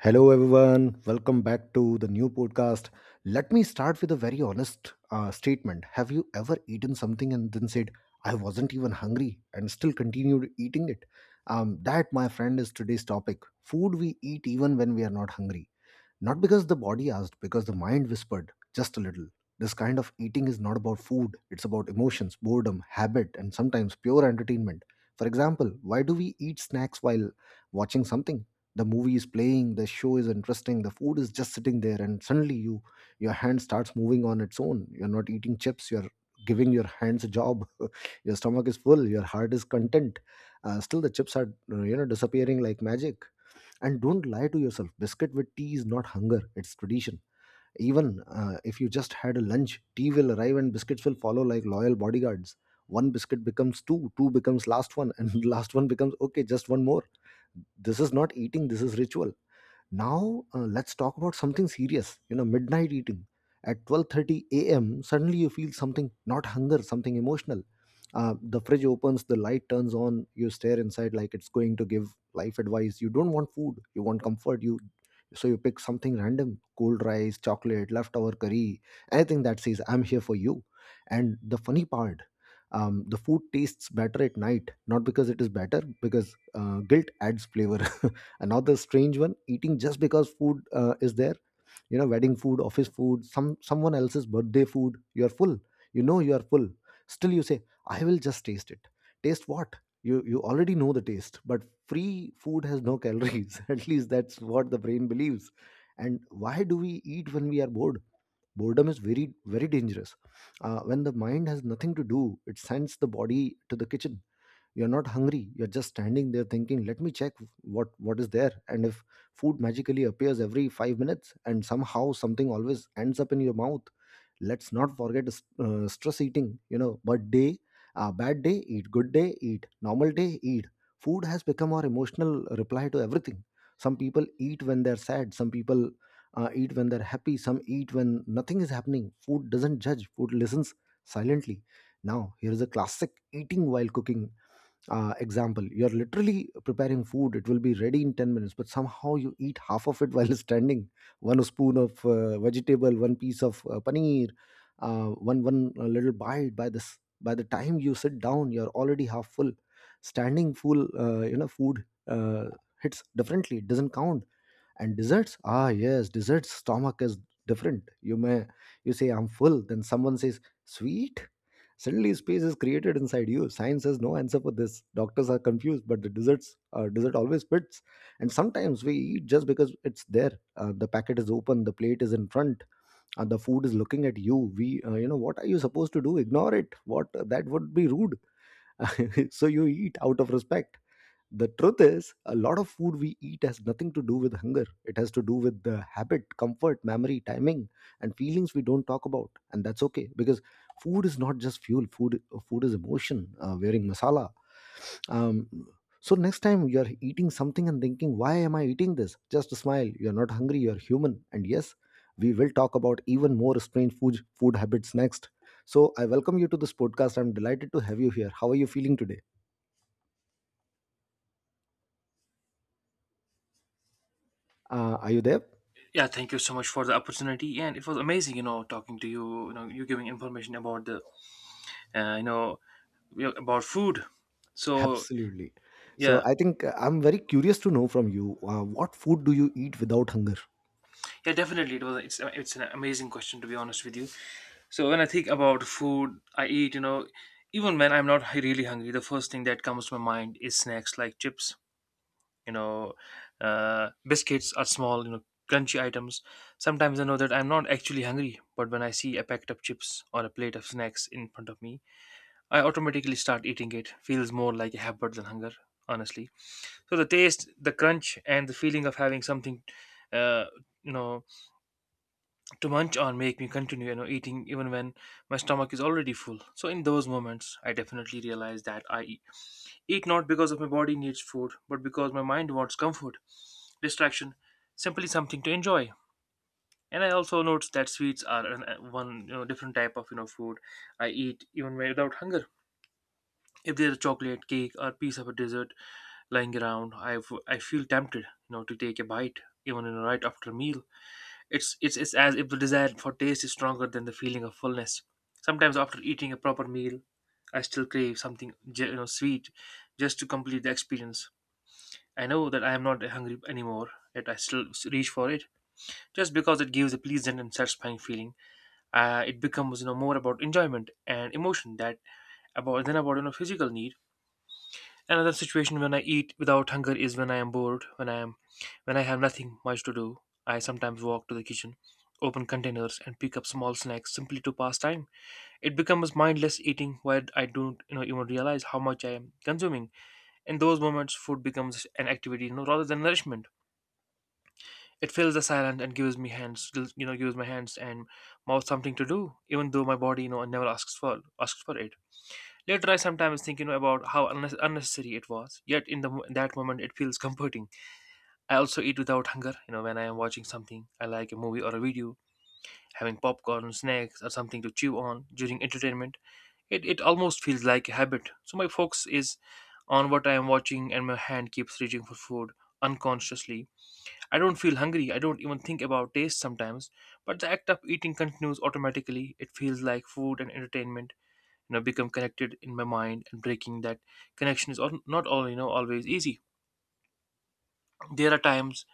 Hello, everyone. Welcome back to the new podcast. Let me start with a very honest statement. Have you ever eaten something and then said, I wasn't even hungry and still continued eating it? That, my friend, is today's topic: food we eat even when we are not hungry. Not because the body asked, because the mind whispered just a little. This kind of eating is not about food, it's about emotions, boredom, habit, and sometimes pure entertainment. For example, why do we eat snacks while watching something? The movie is playing, the show is interesting, the food is just sitting there, and suddenly your hand starts moving on its own. You're not eating chips, you're giving your hands a job. Your stomach is full, your heart is content. Still, the chips are you know, disappearing like magic, and don't lie to yourself. Biscuit with tea is not hunger, it's tradition. Even if you just had a lunch, tea will arrive and biscuits will follow like loyal bodyguards. One biscuit becomes two, two becomes last one, and last one becomes okay, just one more. This is not eating, this is ritual. Now, let's talk about something serious, you know, midnight eating. At 12:30 a.m., suddenly you feel something, not hunger, something emotional. The fridge opens, the light turns on, you stare inside like it's going to give life advice. You don't want food, you want comfort. You, so you pick something random, cold rice, chocolate, leftover curry, anything that says I'm here for you. And the funny part, the food tastes better at night, not because it is better, because guilt adds flavor. Another strange one, eating just because food is there. You know, wedding food, office food, someone else's birthday food, you are full, you know you are full, still you say, I will just taste it. Taste what? You already know the taste, but free food has no calories. At least that's what the brain believes. And why do we eat when we are bored? Boredom is very, very dangerous. When the mind has nothing to do, it sends the body to the kitchen. You're not hungry. You're just standing there thinking, let me check what is there. And if food magically appears every 5 minutes, and somehow something always ends up in your mouth. Let's not forget stress eating. You know, but day, bad day, eat. Good day, eat. Normal day, eat. Food has become our emotional reply to everything. Some people eat when they're sad. Some people eat when they're happy. Some eat when nothing is happening. Food doesn't judge. Food listens silently. Now, here is a classic, eating while cooking. Example, you're literally preparing food, it will be ready in 10 minutes, but somehow you eat half of it while standing. One spoon of vegetable, one piece of paneer, one one little bite. By the time you sit down, you're already half full. Standing full, you know, food hits differently, it doesn't count. And desserts, ah yes, desserts stomach is different. You say I'm full, then someone says sweet, suddenly space is created inside you. Science has no answer for this, doctors are confused, but the dessert always fits. And sometimes we eat just because it's there. The packet is open, the plate is in front, the food is looking at you. We You know, what are you supposed to do, ignore it? What, that would be rude. So you eat out of respect. The truth is, a lot of food we eat has nothing to do with hunger, it has to do with the habit, comfort, memory, timing, and feelings we don't talk about. And that's okay, because food is not just fuel. Food is emotion wearing masala. um, so next time you're eating something and thinking why am I eating this, just smile, you're not hungry, you're human. And yes, we will talk about even more strange food habits next. So I welcome you to this podcast, I'm delighted to have you here. How are you feeling today? Are you there? Yeah, thank you so much for the opportunity, and it was amazing, you know, talking to you. You know, you giving information about the, uh, you know, about food. So Absolutely. So yeah, I think I'm very curious to know from you, what food do you eat without hunger? yeah, definitely, it was. It's an amazing question, to be honest with you. So when I think about food, I eat, you know, even when I'm not really hungry, the first thing that comes to my mind is snacks like chips. You know, biscuits are small, you know, crunchy items. Sometimes I know that I'm not actually hungry, but when I see a packet of chips or a plate of snacks in front of me, I automatically start eating it. Feels more like a habit than hunger, honestly. So the taste, the crunch, and the feeling of having something, uh, you know, to munch on make me continue, you know, eating even when my stomach is already full. So in those moments, I definitely realize that I eat not because of my body needs food, but because my mind wants comfort, distraction, simply something to enjoy. And I also notice that sweets are an, one, you know, different type of, you know, food I eat even without hunger. If there's a chocolate cake or piece of a dessert lying around, I feel tempted, you know, to take a bite even in right after a meal. It's as if the desire for taste is stronger than the feeling of fullness. Sometimes after eating a proper meal, I still crave something you know, sweet, just to complete the experience. I know that I am not hungry anymore, yet I still reach for it just because it gives a pleasant and satisfying feeling. It becomes, you know, more about enjoyment and emotion that about than about, you know, physical need. Another situation when I eat without hunger is when I am bored, when I have nothing much to do. I sometimes walk to the kitchen, open containers and pick up small snacks simply to pass time. It becomes mindless eating where I don't, you know, even realize how much I am consuming. In those moments, food becomes an activity, you know, rather than nourishment. It fills the silence and gives me hands you know, gives my hands and mouth something to do, even though my body, you know, never asks for it. Later, I sometimes think, you know, about how unnecessary it was. Yet in the that moment, it feels comforting. I also eat without hunger, you know, when I am watching something I like, a movie or a video, having popcorn, snacks, or something to chew on during entertainment. It almost feels like a habit. So my focus is on what I am watching, and my hand keeps reaching for food unconsciously. I don't feel hungry. I don't even think about taste sometimes. But the act of eating continues automatically. It feels like food and entertainment, you know, become connected in my mind, and breaking that connection is not all you know, always easy. There are times,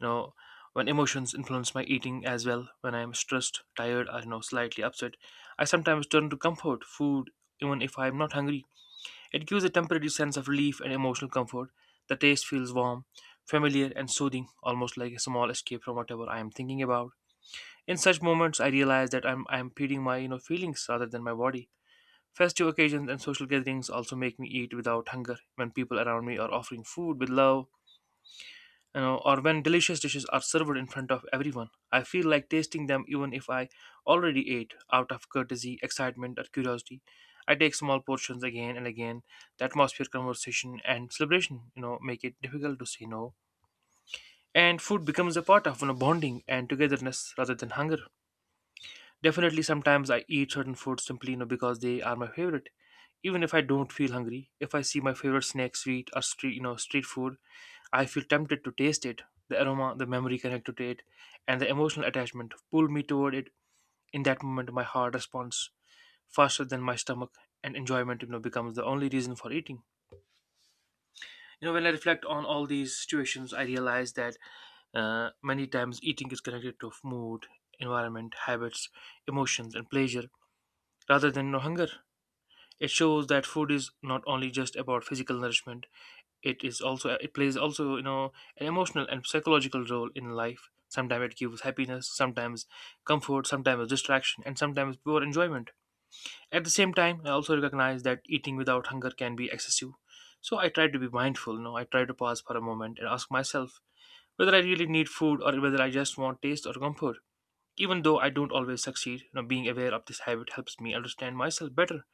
you know, when emotions influence my eating as well. When I'm stressed, tired, or, you know, slightly upset, I sometimes turn to comfort food, even if I'm not hungry. It gives a temporary sense of relief and emotional comfort. The taste feels warm, familiar, and soothing, almost like a small escape from whatever I am thinking about. In such moments, I realize that I'm feeding my, you know, feelings rather than my body. Festive occasions and social gatherings also make me eat without hunger. When people around me are offering food with love, you know, or when delicious dishes are served in front of everyone, I feel like tasting them even if I already ate, out of courtesy, excitement, or curiosity. I take small portions again and again. The atmosphere, conversation, and celebration, you know, make it difficult to say no. And food becomes a part of, you know, bonding and togetherness rather than hunger. Definitely, sometimes I eat certain foods simply, you know, because they are my favorite. Even if I don't feel hungry, if I see my favorite snack, sweet or street food, I feel tempted to taste it. The aroma, the memory connected to it, and the emotional attachment pull me toward it. In that moment, my heart responds faster than my stomach, and enjoyment, you know, becomes the only reason for eating. You know, when I reflect on all these situations, I realize that, many times, eating is connected to mood, environment, habits, emotions, and pleasure rather than no hunger. It shows that food is not only just about physical nourishment; it plays also, you know, an emotional and psychological role in life. Sometimes it gives happiness, sometimes comfort, sometimes distraction, and sometimes pure enjoyment. At the same time, I also recognize that eating without hunger can be excessive. So I try to be mindful. You know, I try to pause for a moment and ask myself whether I really need food or whether I just want taste or comfort. Even though I don't always succeed, you know, being aware of this habit helps me understand myself better.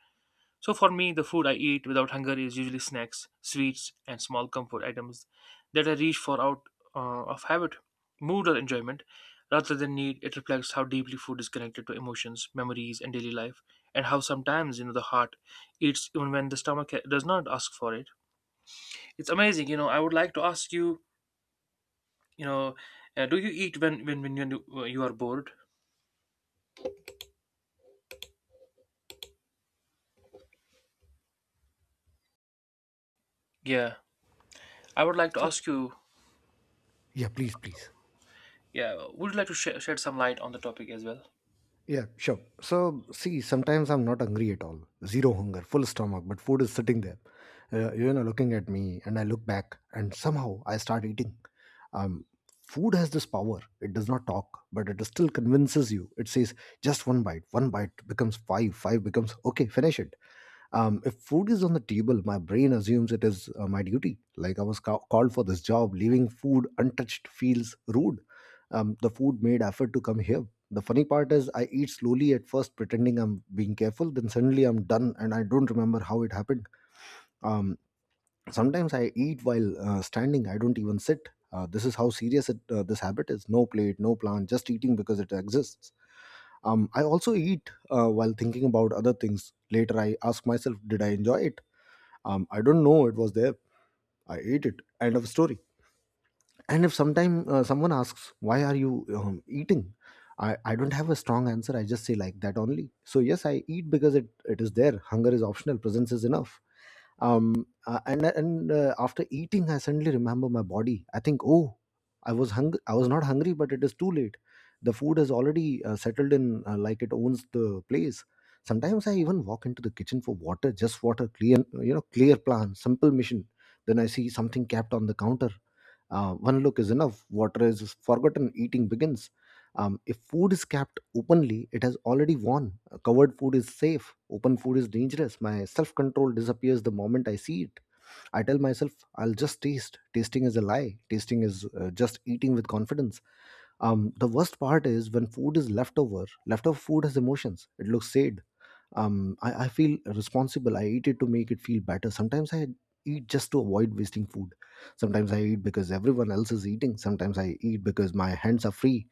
So for me, the food I eat without hunger is usually snacks, sweets, and small comfort items that I reach for out, of habit, mood, or enjoyment. Rather than need, it reflects how deeply food is connected to emotions, memories, and daily life, and how sometimes, you know, the heart eats even when the stomach does not ask for it. It's amazing, you know. I would like to ask you, you know, do you eat when you you are bored? Yeah, I would like to So, ask you. yeah, please, please. Yeah, would you like to shed some light on the topic as well? Yeah, sure. So, see, sometimes I'm not hungry at all. Zero hunger, full stomach, but food is sitting there, you know, looking at me. And I look back, and somehow I start eating. Um, Food has this power. It does not talk, but it still convinces you. It says, just one bite. One bite becomes five, five becomes, okay, finish it. If food is on the table, my brain assumes it is my duty. Like I was called for this job, leaving food untouched feels rude. The food made effort to come here. The funny part is, I eat slowly at first, pretending I'm being careful. Then suddenly I'm done, and I don't remember how it happened. Um, Sometimes I eat while standing. I don't even sit. This is how serious this habit is. No plate, no plan, just eating because it exists. I also eat while thinking about other things. Later, I ask myself, did I enjoy it? I don't know. It was there. I ate it. End of story. And if sometime someone asks why are you eating, I don't have a strong answer, I just say like that only. So yes, I eat because it is there. Hunger is optional, presence is enough. And after eating, I suddenly remember my body, I think, oh, I was hungry. I was not hungry, but it is too late. The food has already settled in, like it owns the place. Sometimes I even walk into the kitchen for water, just water, clear, you know, clear plan, simple mission. Then I see something kept on the counter, one look is enough. Water is forgotten. Eating begins. If food is kept openly, it has already won. Covered food is safe, open food is dangerous. My self control disappears the moment I see it. I tell myself, I'll just taste. Tasting is a lie. Tasting is just eating with confidence. The worst part is when food is leftover. Leftover food has emotions, it looks sad. I feel responsible, I eat it to make it feel better. Sometimes I eat just to avoid wasting food. Sometimes I eat because everyone else is eating. Sometimes I eat because my hands are free.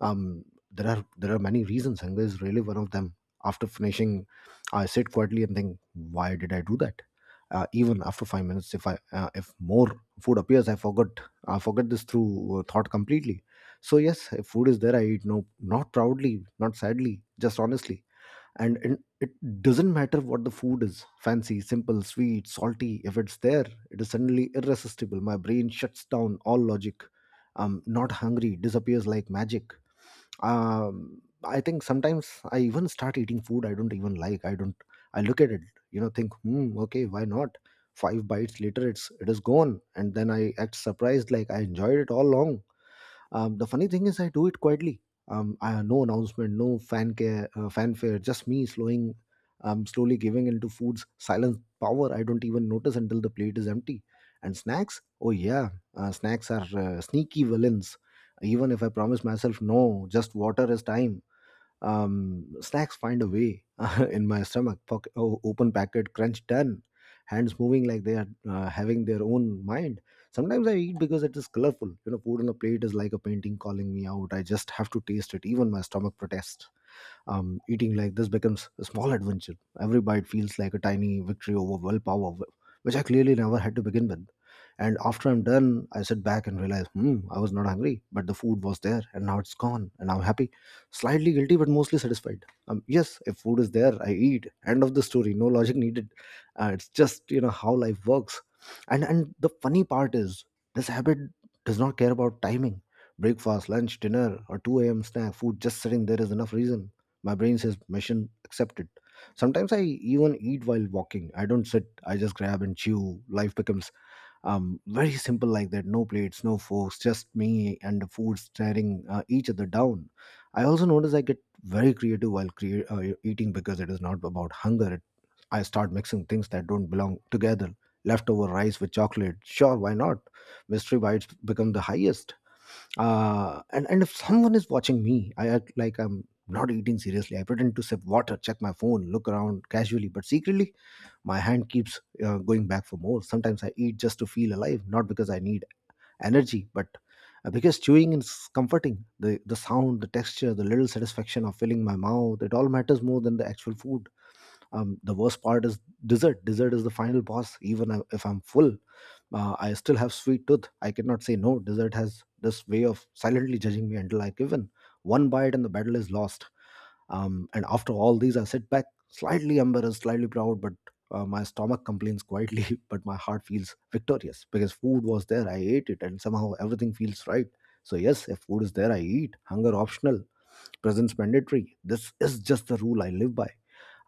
um there are many reasons, hunger is really one of them. After finishing, I sit quietly and think, why did I do that? Even after 5 minutes, if more food appears, I forgot I forget this through thought completely. So yes, if food is there, I eat. No, not proudly, not sadly, just honestly. And it doesn't matter what the food is, fancy, simple, sweet, salty, if it's there, it is suddenly irresistible. My brain shuts down all logic. I'm not hungry disappears like magic. I think sometimes I even start eating food I don't even like. I don't I look at it, you know, think, hmm, okay, why not? Five bites later, it is gone, and then I act surprised like I enjoyed it all along. The funny thing is, I do it quietly. No announcement, no fan care, fanfare, just me slowly giving into food's silent power. I don't even notice until the plate is empty. And snacks? Oh yeah, snacks are sneaky villains. Even if I promise myself no, just water is time, snacks find a way in my stomach. Pocket, oh, open packet, crunch, done. Hands moving like they are having their own mind. Sometimes I eat because it is colorful. You know, food on a plate is like a painting calling me out. I just have to taste it. Even my stomach protests. Eating like this becomes a small adventure. Every bite feels like a tiny victory over willpower, which I clearly never had to begin with. And after I'm done, I sit back and realize, hmm, I was not hungry, but the food was there, and now it's gone, and I'm happy. Slightly guilty, but mostly satisfied. Yes, if food is there, I eat. End of the story. No logic needed. It's just you know how life works. And the funny part is, this habit does not care about timing. Breakfast, lunch, dinner, or 2 a.m. snack, food just sitting there is enough reason. My brain says mission accepted. Sometimes I even eat while walking. I don't sit. I just grab and chew. Life becomes very simple like that. No plates, no forks, just me and the food staring each other down. I also notice I get very creative while eating because it is not about hunger. I start mixing things that don't belong together. Leftover rice with chocolate. Sure, why not? Mystery bites become the highest and if someone is watching me, I act like I'm not eating seriously. I pretend to sip water, check my phone, look around casually, but secretly my hand keeps going back for more. Sometimes I eat just to feel alive, not because I need energy, but because chewing is comforting. The sound, the texture, the little satisfaction of filling my mouth, it all matters more than the actual food. The worst part is dessert. Is the final boss. Even if I'm full, I still have sweet tooth. I cannot say no. Dessert has this way of silently judging me until I give in. One bite and the battle is lost. And after all these, I sit back, slightly embarrassed, slightly proud, but my stomach complains quietly but my heart feels victorious because food was there, I ate it, and somehow everything feels right. So yes, if food is there, I eat. Hunger optional, presence mandatory. This is just the rule I live by.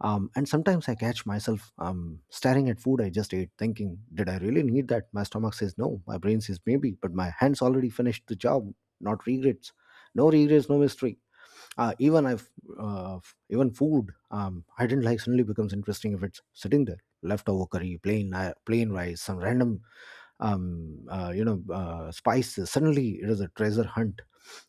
And sometimes I catch myself staring at food I just ate, thinking, did I really need that? My stomach says no, my brain says maybe, but my hands already finished the job, not regrets. No regrets, no mystery. Uh, even I've, uh, Even food I didn't like suddenly becomes interesting if it's sitting there. Leftover curry, plain rice, some random spices. Suddenly, it is a treasure hunt.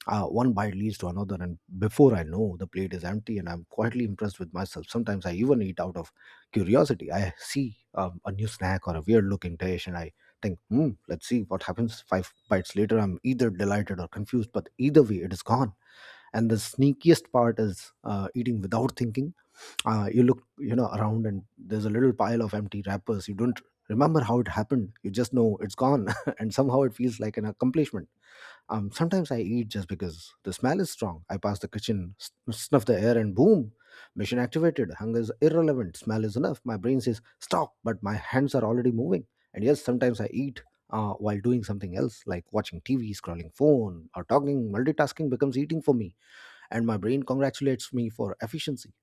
One bite leads to another, and before I know, the plate is empty, and I'm quietly impressed with myself. Sometimes I even eat out of curiosity. I see a new snack or a weird-looking dish, and I think, hmm, let's see what happens. Five bites later, I'm either delighted or confused, but either way, it is gone. And the sneakiest part is eating without thinking. You look, you know, around and there's a little pile of empty wrappers. You don't remember how it happened, you just know it's gone and somehow it feels like an accomplishment. Sometimes I eat just because the smell is strong. I pass the kitchen, snuff the air, and boom, mission activated. Hunger is irrelevant, smell is enough. My brain says stop, but my hands are already moving. And yes, sometimes I eat while doing something else, like watching TV, scrolling phone, or talking. Multitasking becomes eating for me, and my brain congratulates me for efficiency.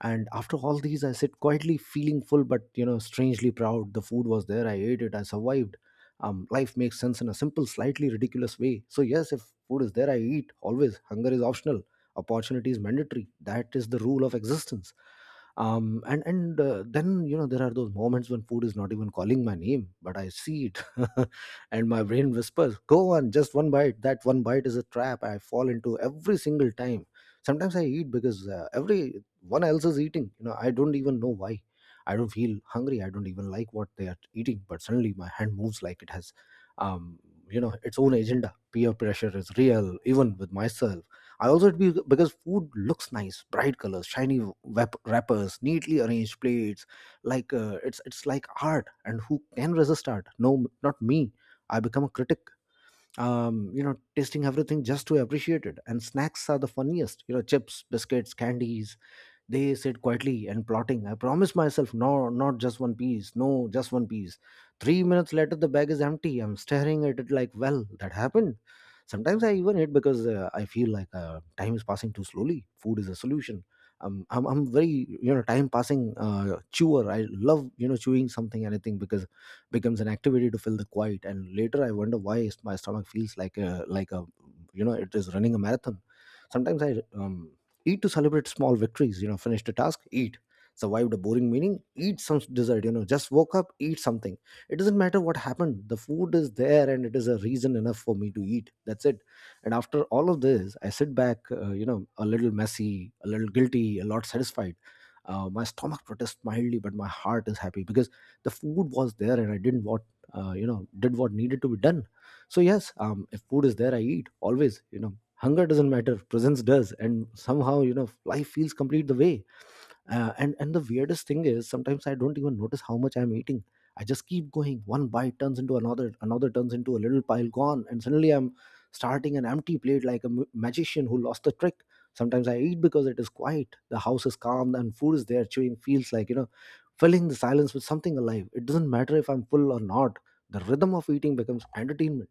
And after all these, I sit quietly, feeling full, but you know, strangely proud. The food was there, I ate it, I survived. Life makes sense in a simple, slightly ridiculous way. So yes, if food is there, I eat, always. Hunger is optional, opportunity is mandatory. That is the rule of existence. And Then, you know, there are those moments when food is not even calling my name, but I see it and my brain whispers, go on, just one bite. That one bite is a trap I fall into every single time. Sometimes I eat because every one else is eating. You know, I don't even know why. I don't feel hungry, I don't even like what they are eating, but suddenly my hand moves like it has um you know, its own agenda. Peer pressure is real, even with myself. I also be because food looks nice, bright colors, shiny wrappers, neatly arranged plates. Like it's like art, and who can resist art? No, not me. I become a critic, you know, tasting everything just to appreciate it. And snacks are the funniest. You know, chips, biscuits, candies, they sit quietly and plotting. I promise myself, no, not just one piece. No, just one piece. 3 minutes later, the bag is empty. I'm staring at it like, well, that happened. Sometimes I even eat because I feel like time is passing too slowly. Food is a solution. I'm very, you know, time passing chewer. I love, you know, chewing something, anything, because it becomes an activity to fill the quiet. And later I wonder why my stomach feels like a like a, you know, it is running a marathon. Sometimes I eat to celebrate small victories. You know, finished a task, eat. Survived a boring meeting, eat some dessert. You know, just woke up, eat something. It doesn't matter what happened, the food is there, and it is a reason enough for me to eat. That's it. And after all of this, I sit back, you know, a little messy, a little guilty, a lot satisfied. My stomach protests mildly, but my heart is happy because the food was there, and I didn't, what you know, did what needed to be done. So yes, if food is there, I eat, always. You know, hunger doesn't matter, presence does. And somehow, you know, life feels complete the way. And the weirdest thing is, sometimes I don't even notice how much I'm eating. I just keep going. One bite turns into another, another turns into a little pile gone, and suddenly I'm starting an empty plate like a magician who lost the trick. Sometimes I eat because it is quiet. The house is calm and food is there. Chewing feels like, you know, filling the silence with something alive. It doesn't matter if I'm full or not, the rhythm of eating becomes entertainment.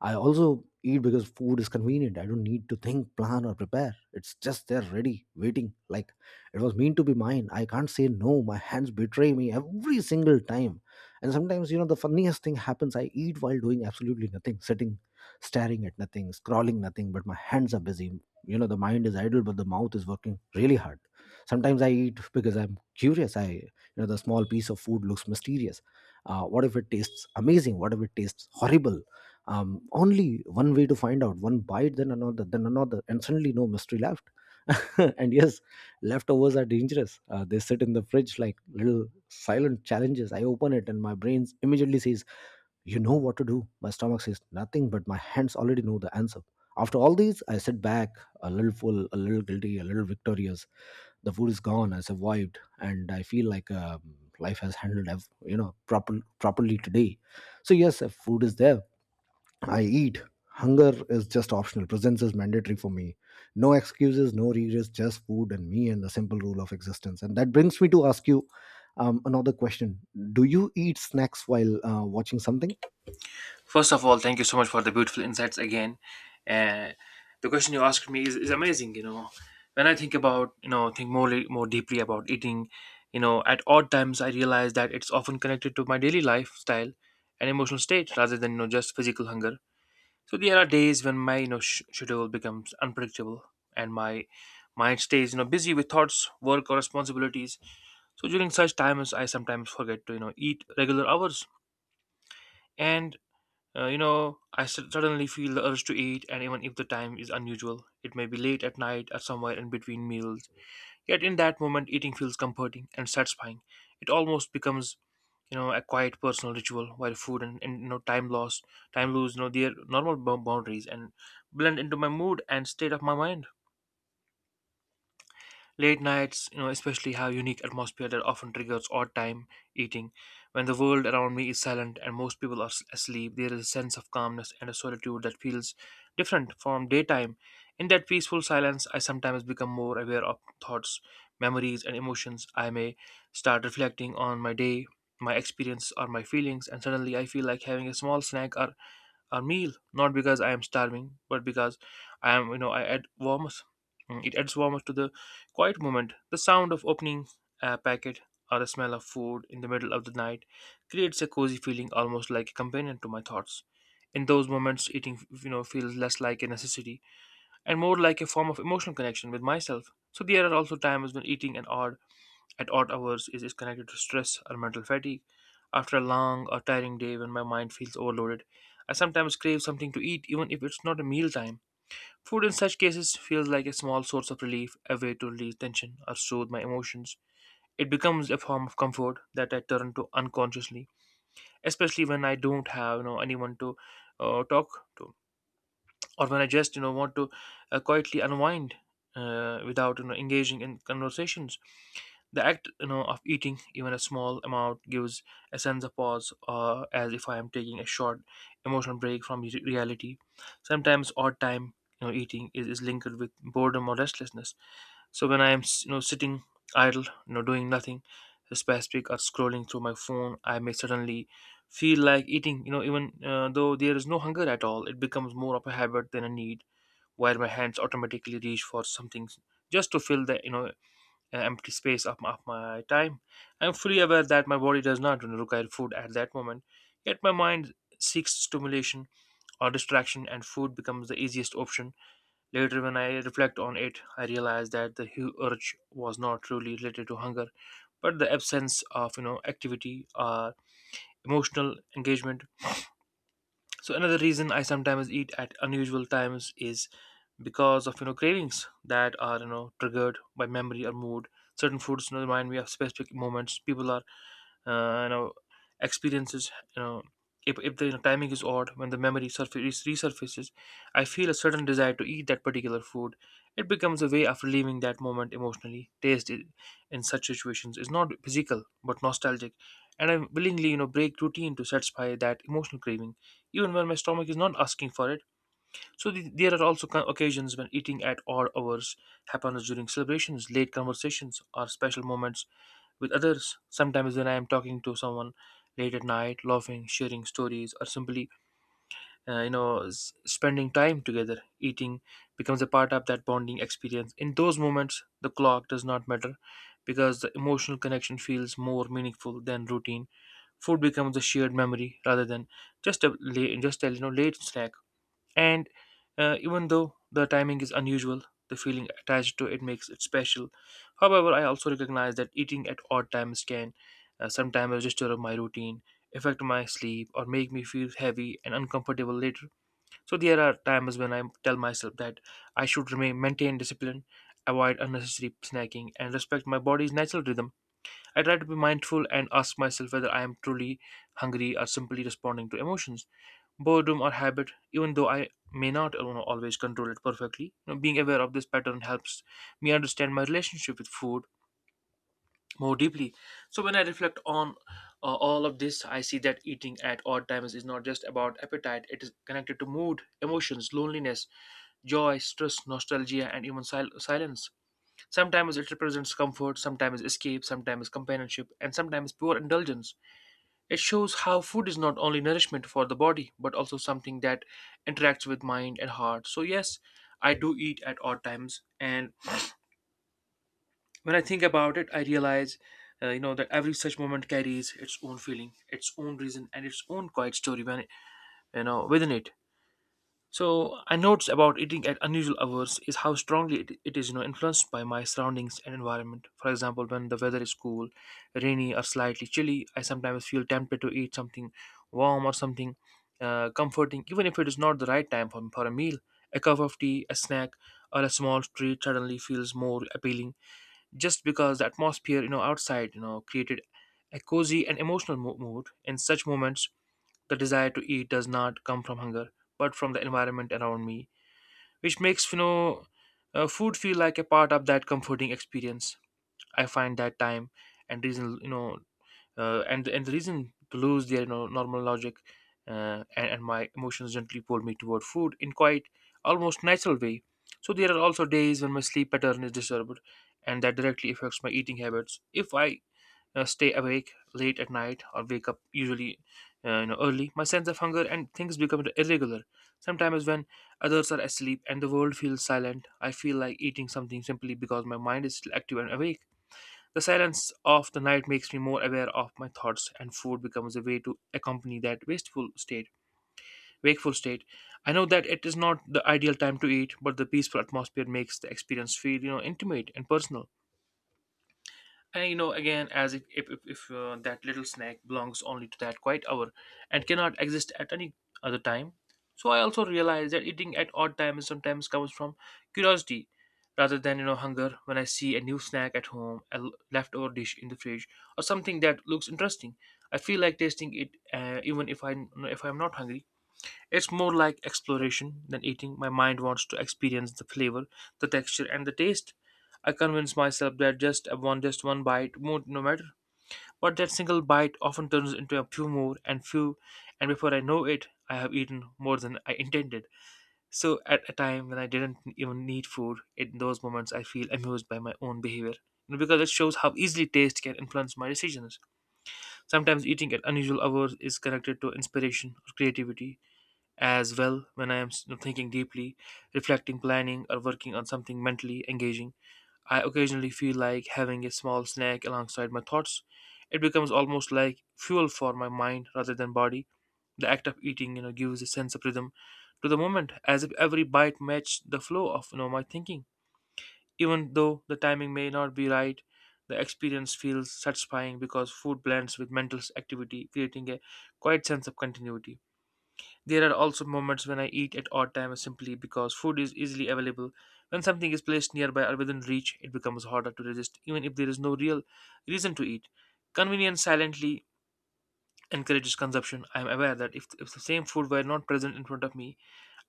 I also eat because food is convenient. I don't need to think, plan, or prepare. It's just there, ready, waiting. Like it was meant to be mine. I can't say no. My hands betray me every single time. And sometimes, you know, the funniest thing happens. I eat while doing absolutely nothing, sitting, staring at nothing, scrawling nothing, but my hands are busy. You know, the mind is idle, but the mouth is working really hard. Sometimes I eat because I'm curious. You know, the small piece of food looks mysterious. What if it tastes amazing? What if it tastes horrible? Only one way to find out. One bite, then another, then another, and suddenly no mystery left and yes, leftovers are dangerous. They sit in the fridge like little silent challenges. I open it and my brain immediately says, you know what to do. My stomach says nothing, but my hands already know the answer. After all these, I sit back, a little full, a little guilty, a little victorious. The food is gone, I survived, and I feel like life has handled you know, properly today. So yes, if food is there, I eat. Hunger is just optional. Presence is mandatory for me. No excuses, no regrets, just food and me and the simple rule of existence. And that brings me to ask you another question. Do you eat snacks while watching something? First of all, thank you so much for the beautiful insights again. Uh, the question you asked me is amazing. You know, when I think about, think more, more deeply about eating, you know, at odd times, I realize that it's often connected to my daily lifestyle and emotional state rather than, you know, just physical hunger. So there are days when my, you know, schedule becomes unpredictable and my mind stays, you know, busy with thoughts, work, or responsibilities. So during such times, I sometimes forget to, you know, eat regular hours, and, you know, I suddenly feel the urge to eat, and even if the time is unusual, it may be late at night or somewhere in between meals. Yet in that moment, eating feels comforting and satisfying. It almost becomes, you know, a quiet personal ritual while food and, you know, time lose, you know, their normal boundaries and blend into my mood and state of my mind. Late nights, you know, especially have unique atmosphere that often triggers odd time eating. When the world around me is silent and most people are asleep, there is a sense of calmness and a solitude that feels different from daytime. In that peaceful silence, I sometimes become more aware of thoughts, memories, and emotions. I may start reflecting on my day, my experience, or my feelings, and suddenly I feel like having a small snack or a meal, not because I am starving, but because I am, you know, I add warmth. It adds warmth to the quiet moment. The sound of opening a packet or the smell of food in the middle of the night creates a cozy feeling, almost like a companion to my thoughts. In those moments, eating, you know, feels less like a necessity and more like a form of emotional connection with myself. So there are also times when eating an odd at odd hours is connected to stress or mental fatigue. After a long or tiring day, when my mind feels overloaded, I sometimes crave something to eat, even if it's not a meal time. Food in such cases feels like a small source of relief, a way to release tension or soothe my emotions. It becomes a form of comfort that I turn to unconsciously, especially when I don't have, you know, anyone to talk to, or when I just, you know, want to quietly unwind, without, you know, engaging in conversations. The act, you know, of eating even a small amount gives a sense of pause, as if I am taking a short emotional break from reality. Sometimes odd time, you know, eating is linked with boredom or restlessness. So when I'm, you know, sitting idle, you know, doing nothing specific or scrolling through my phone, I may suddenly feel like eating. Even though there is no hunger at all, it becomes more of a habit than a need, where my hands automatically reach for something just to fill the empty space of my time. I'm fully aware that my body does not require food at that moment, yet my mind seeks stimulation or distraction, and food becomes the easiest option. Later, when I reflect on it, I realize that the urge was not truly related to hunger, but the absence of activity or emotional engagement. So another reason I sometimes eat at unusual times is because of cravings that are triggered by memory or mood. Certain foods remind me of specific moments, people are, uh, you know experiences, if the timing is odd, when the memory surface resurfaces, I feel a certain desire to eat that particular food. It becomes a way of relieving that moment emotionally. Taste, in such situations, is not physical but nostalgic, and I willingly break routine to satisfy that emotional craving, even when my stomach is not asking for it. So there are also occasions when eating at odd hours happens during celebrations, late conversations, or special moments with others. Sometimes when I am talking to someone late at night, laughing, sharing stories, or simply spending time together, eating becomes a part of that bonding experience. In those moments, the clock does not matter because the emotional connection feels more meaningful than routine. Food becomes a shared memory rather than just a late snack. And even though the timing is unusual, the feeling attached to it makes it special. However, I also recognize that eating at odd times can sometimes disturb my routine, affect my sleep, or make me feel heavy and uncomfortable later. So there are times when I tell myself that I should remain maintain discipline, avoid unnecessary snacking, and respect my body's natural rhythm. I try to be mindful and ask myself whether I am truly hungry or simply responding to emotions, boredom, or habit, even though I may not always control it perfectly. Being aware of this pattern helps me understand my relationship with food more deeply. So when I reflect on all of this, I see that eating at odd times is not just about appetite. It is connected to mood, emotions, loneliness, joy, stress, nostalgia, and even silence. Sometimes it represents comfort, sometimes escape, sometimes companionship, and sometimes pure indulgence. It shows how food is not only nourishment for the body, but also something that interacts with mind and heart. So, yes, I do eat at odd times. And when I think about it, I realize, that every such moment carries its own feeling, its own reason, and its own quiet story when it, within it. So I noticed about eating at unusual hours is how strongly it is, influenced by my surroundings and environment. For example, when the weather is cool, rainy, or slightly chilly, I sometimes feel tempted to eat something warm or something comforting, even if it is not the right time for a meal. A cup of tea, a snack, or a small treat suddenly feels more appealing, just because the atmosphere, you know, outside, you know, created a cozy and emotional mood. In such moments, the desire to eat does not come from hunger, but from the environment around me, which makes food feel like a part of that comforting experience. I find that time and reason, and the reason to lose their normal logic, and my emotions gently pull me toward food in quite almost natural way. So there are also days when my sleep pattern is disturbed, and that directly affects my eating habits. If I stay awake late at night or wake up usually early, my sense of hunger and things become irregular. Sometimes when others are asleep and the world feels silent, I feel like eating something simply because my mind is still active and awake. The silence of the night makes me more aware of my thoughts, and food becomes a way to accompany that wasteful state wakeful state. I know that it is not the ideal time to eat, but the peaceful atmosphere makes the experience feel intimate and personal. And again, as if that little snack belongs only to that quiet hour and cannot exist at any other time. So I also realize that eating at odd times sometimes comes from curiosity rather than hunger. When I see a new snack at home, a leftover dish in the fridge, or something that looks interesting, I feel like tasting it, even if I'm not hungry. It's more like exploration than eating. My mind wants to experience the flavor, the texture, and the taste. I convince myself that just one bite won't no matter. But that single bite often turns into a few more and few, and before I know it, I have eaten more than I intended. So at a time when I didn't even need food, in those moments I feel amused by my own behavior, because it shows how easily taste can influence my decisions. Sometimes eating at unusual hours is connected to inspiration or creativity as well, when I am thinking deeply, reflecting, planning, or working on something mentally engaging. I occasionally feel like having a small snack alongside my thoughts. It becomes almost like fuel for my mind rather than body. The act of eating gives a sense of rhythm to the moment, as if every bite matched the flow of my thinking. Even though the timing may not be right, the experience feels satisfying because food blends with mental activity, creating a quiet sense of continuity. There are also moments when I eat at odd times simply because food is easily available. When something is placed nearby or within reach, it becomes harder to resist, even if there is no real reason to eat. Convenience silently encourages consumption. I am aware that if the same food were not present in front of me,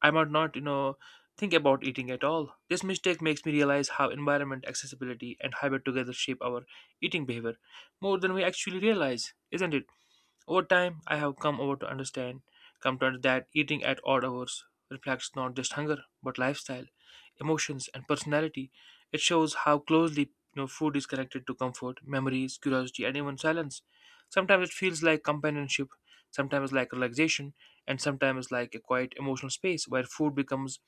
I might not think about eating at all. This mistake makes me realize how environment, accessibility, and habit together shape our eating behavior more than we actually realize, isn't it? Over time, I have come to understand that eating at odd hours reflects not just hunger but lifestyle, emotions, and personality. It shows how closely food is connected to comfort, memories, curiosity, and even silence. Sometimes it feels like companionship, sometimes like relaxation, and sometimes like a quiet emotional space where food becomes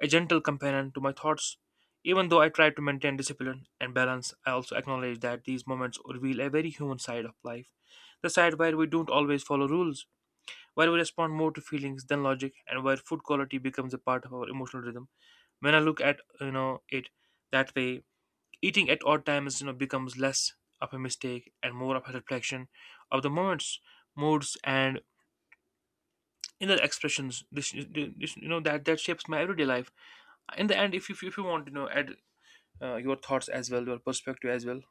a gentle companion to my thoughts. Even though I try to maintain discipline and balance, I also acknowledge that these moments reveal a very human side of life, the side where we don't always follow rules, where we respond more to feelings than logic, and where food quality becomes a part of our emotional rhythm. When I look at it that way, eating at odd times becomes less of a mistake and more of a reflection of the moments, moods, and inner expressions. This, that that shapes my everyday life. In the end, if you want to add your thoughts as well, your perspective as well.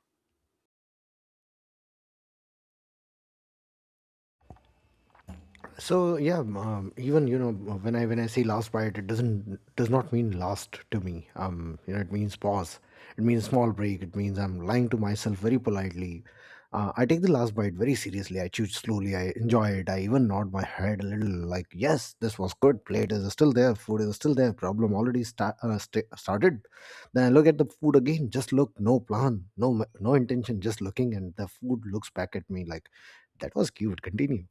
So yeah, even, you know, when I say last bite, it doesn't, does not mean last to me. You know, it means pause, it means small break, it means I'm lying to myself very politely. I take the last bite very seriously. I chew slowly, I enjoy it, I even nod my head a little, like yes, this was good. Plate is still there, food is still there, problem already sta- started. Then I look at the food again, just look, no plan, no intention, just looking, and the food looks back at me like, that was cute, continue.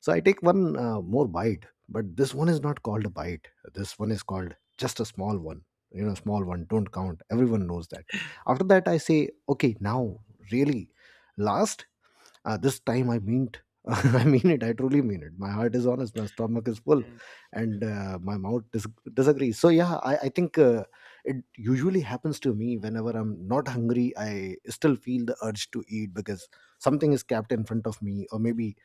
So I take one more bite, but this one is not called a bite. This one is called just a small one. You know, small one, don't count. Everyone knows that. After that, I say, okay, now, really, last, this time I mean it. I mean it, I truly mean it. My heart is honest, my stomach is full, Mm. and my mouth disagrees. So yeah, I think it usually happens to me whenever I'm not hungry, I still feel the urge to eat because something is kept in front of me, or maybe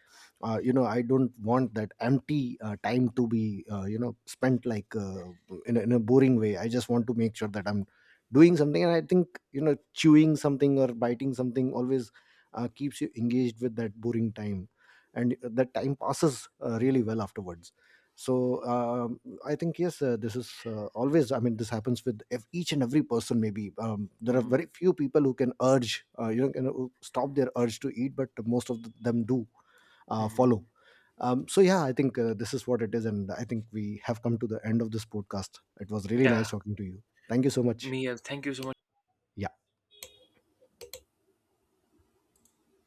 you know, I don't want that empty time to be, you know, spent like, in a boring way. I just want to make sure that I'm doing something, and I think, you know, chewing something or biting something always keeps you engaged with that boring time, and that time passes really well afterwards. So um, I think yes, this is, always, I mean, this happens with each and every person. Maybe there are Mhm. very few people who can urge, you know, can, stop their urge to eat, but most of them do, Mhm. follow. So yeah, I think, this is what it is, and I think we have come to the end of this podcast. It was really Yeah, nice talking to you. Thank you so much. me. Thank you so much. Yeah.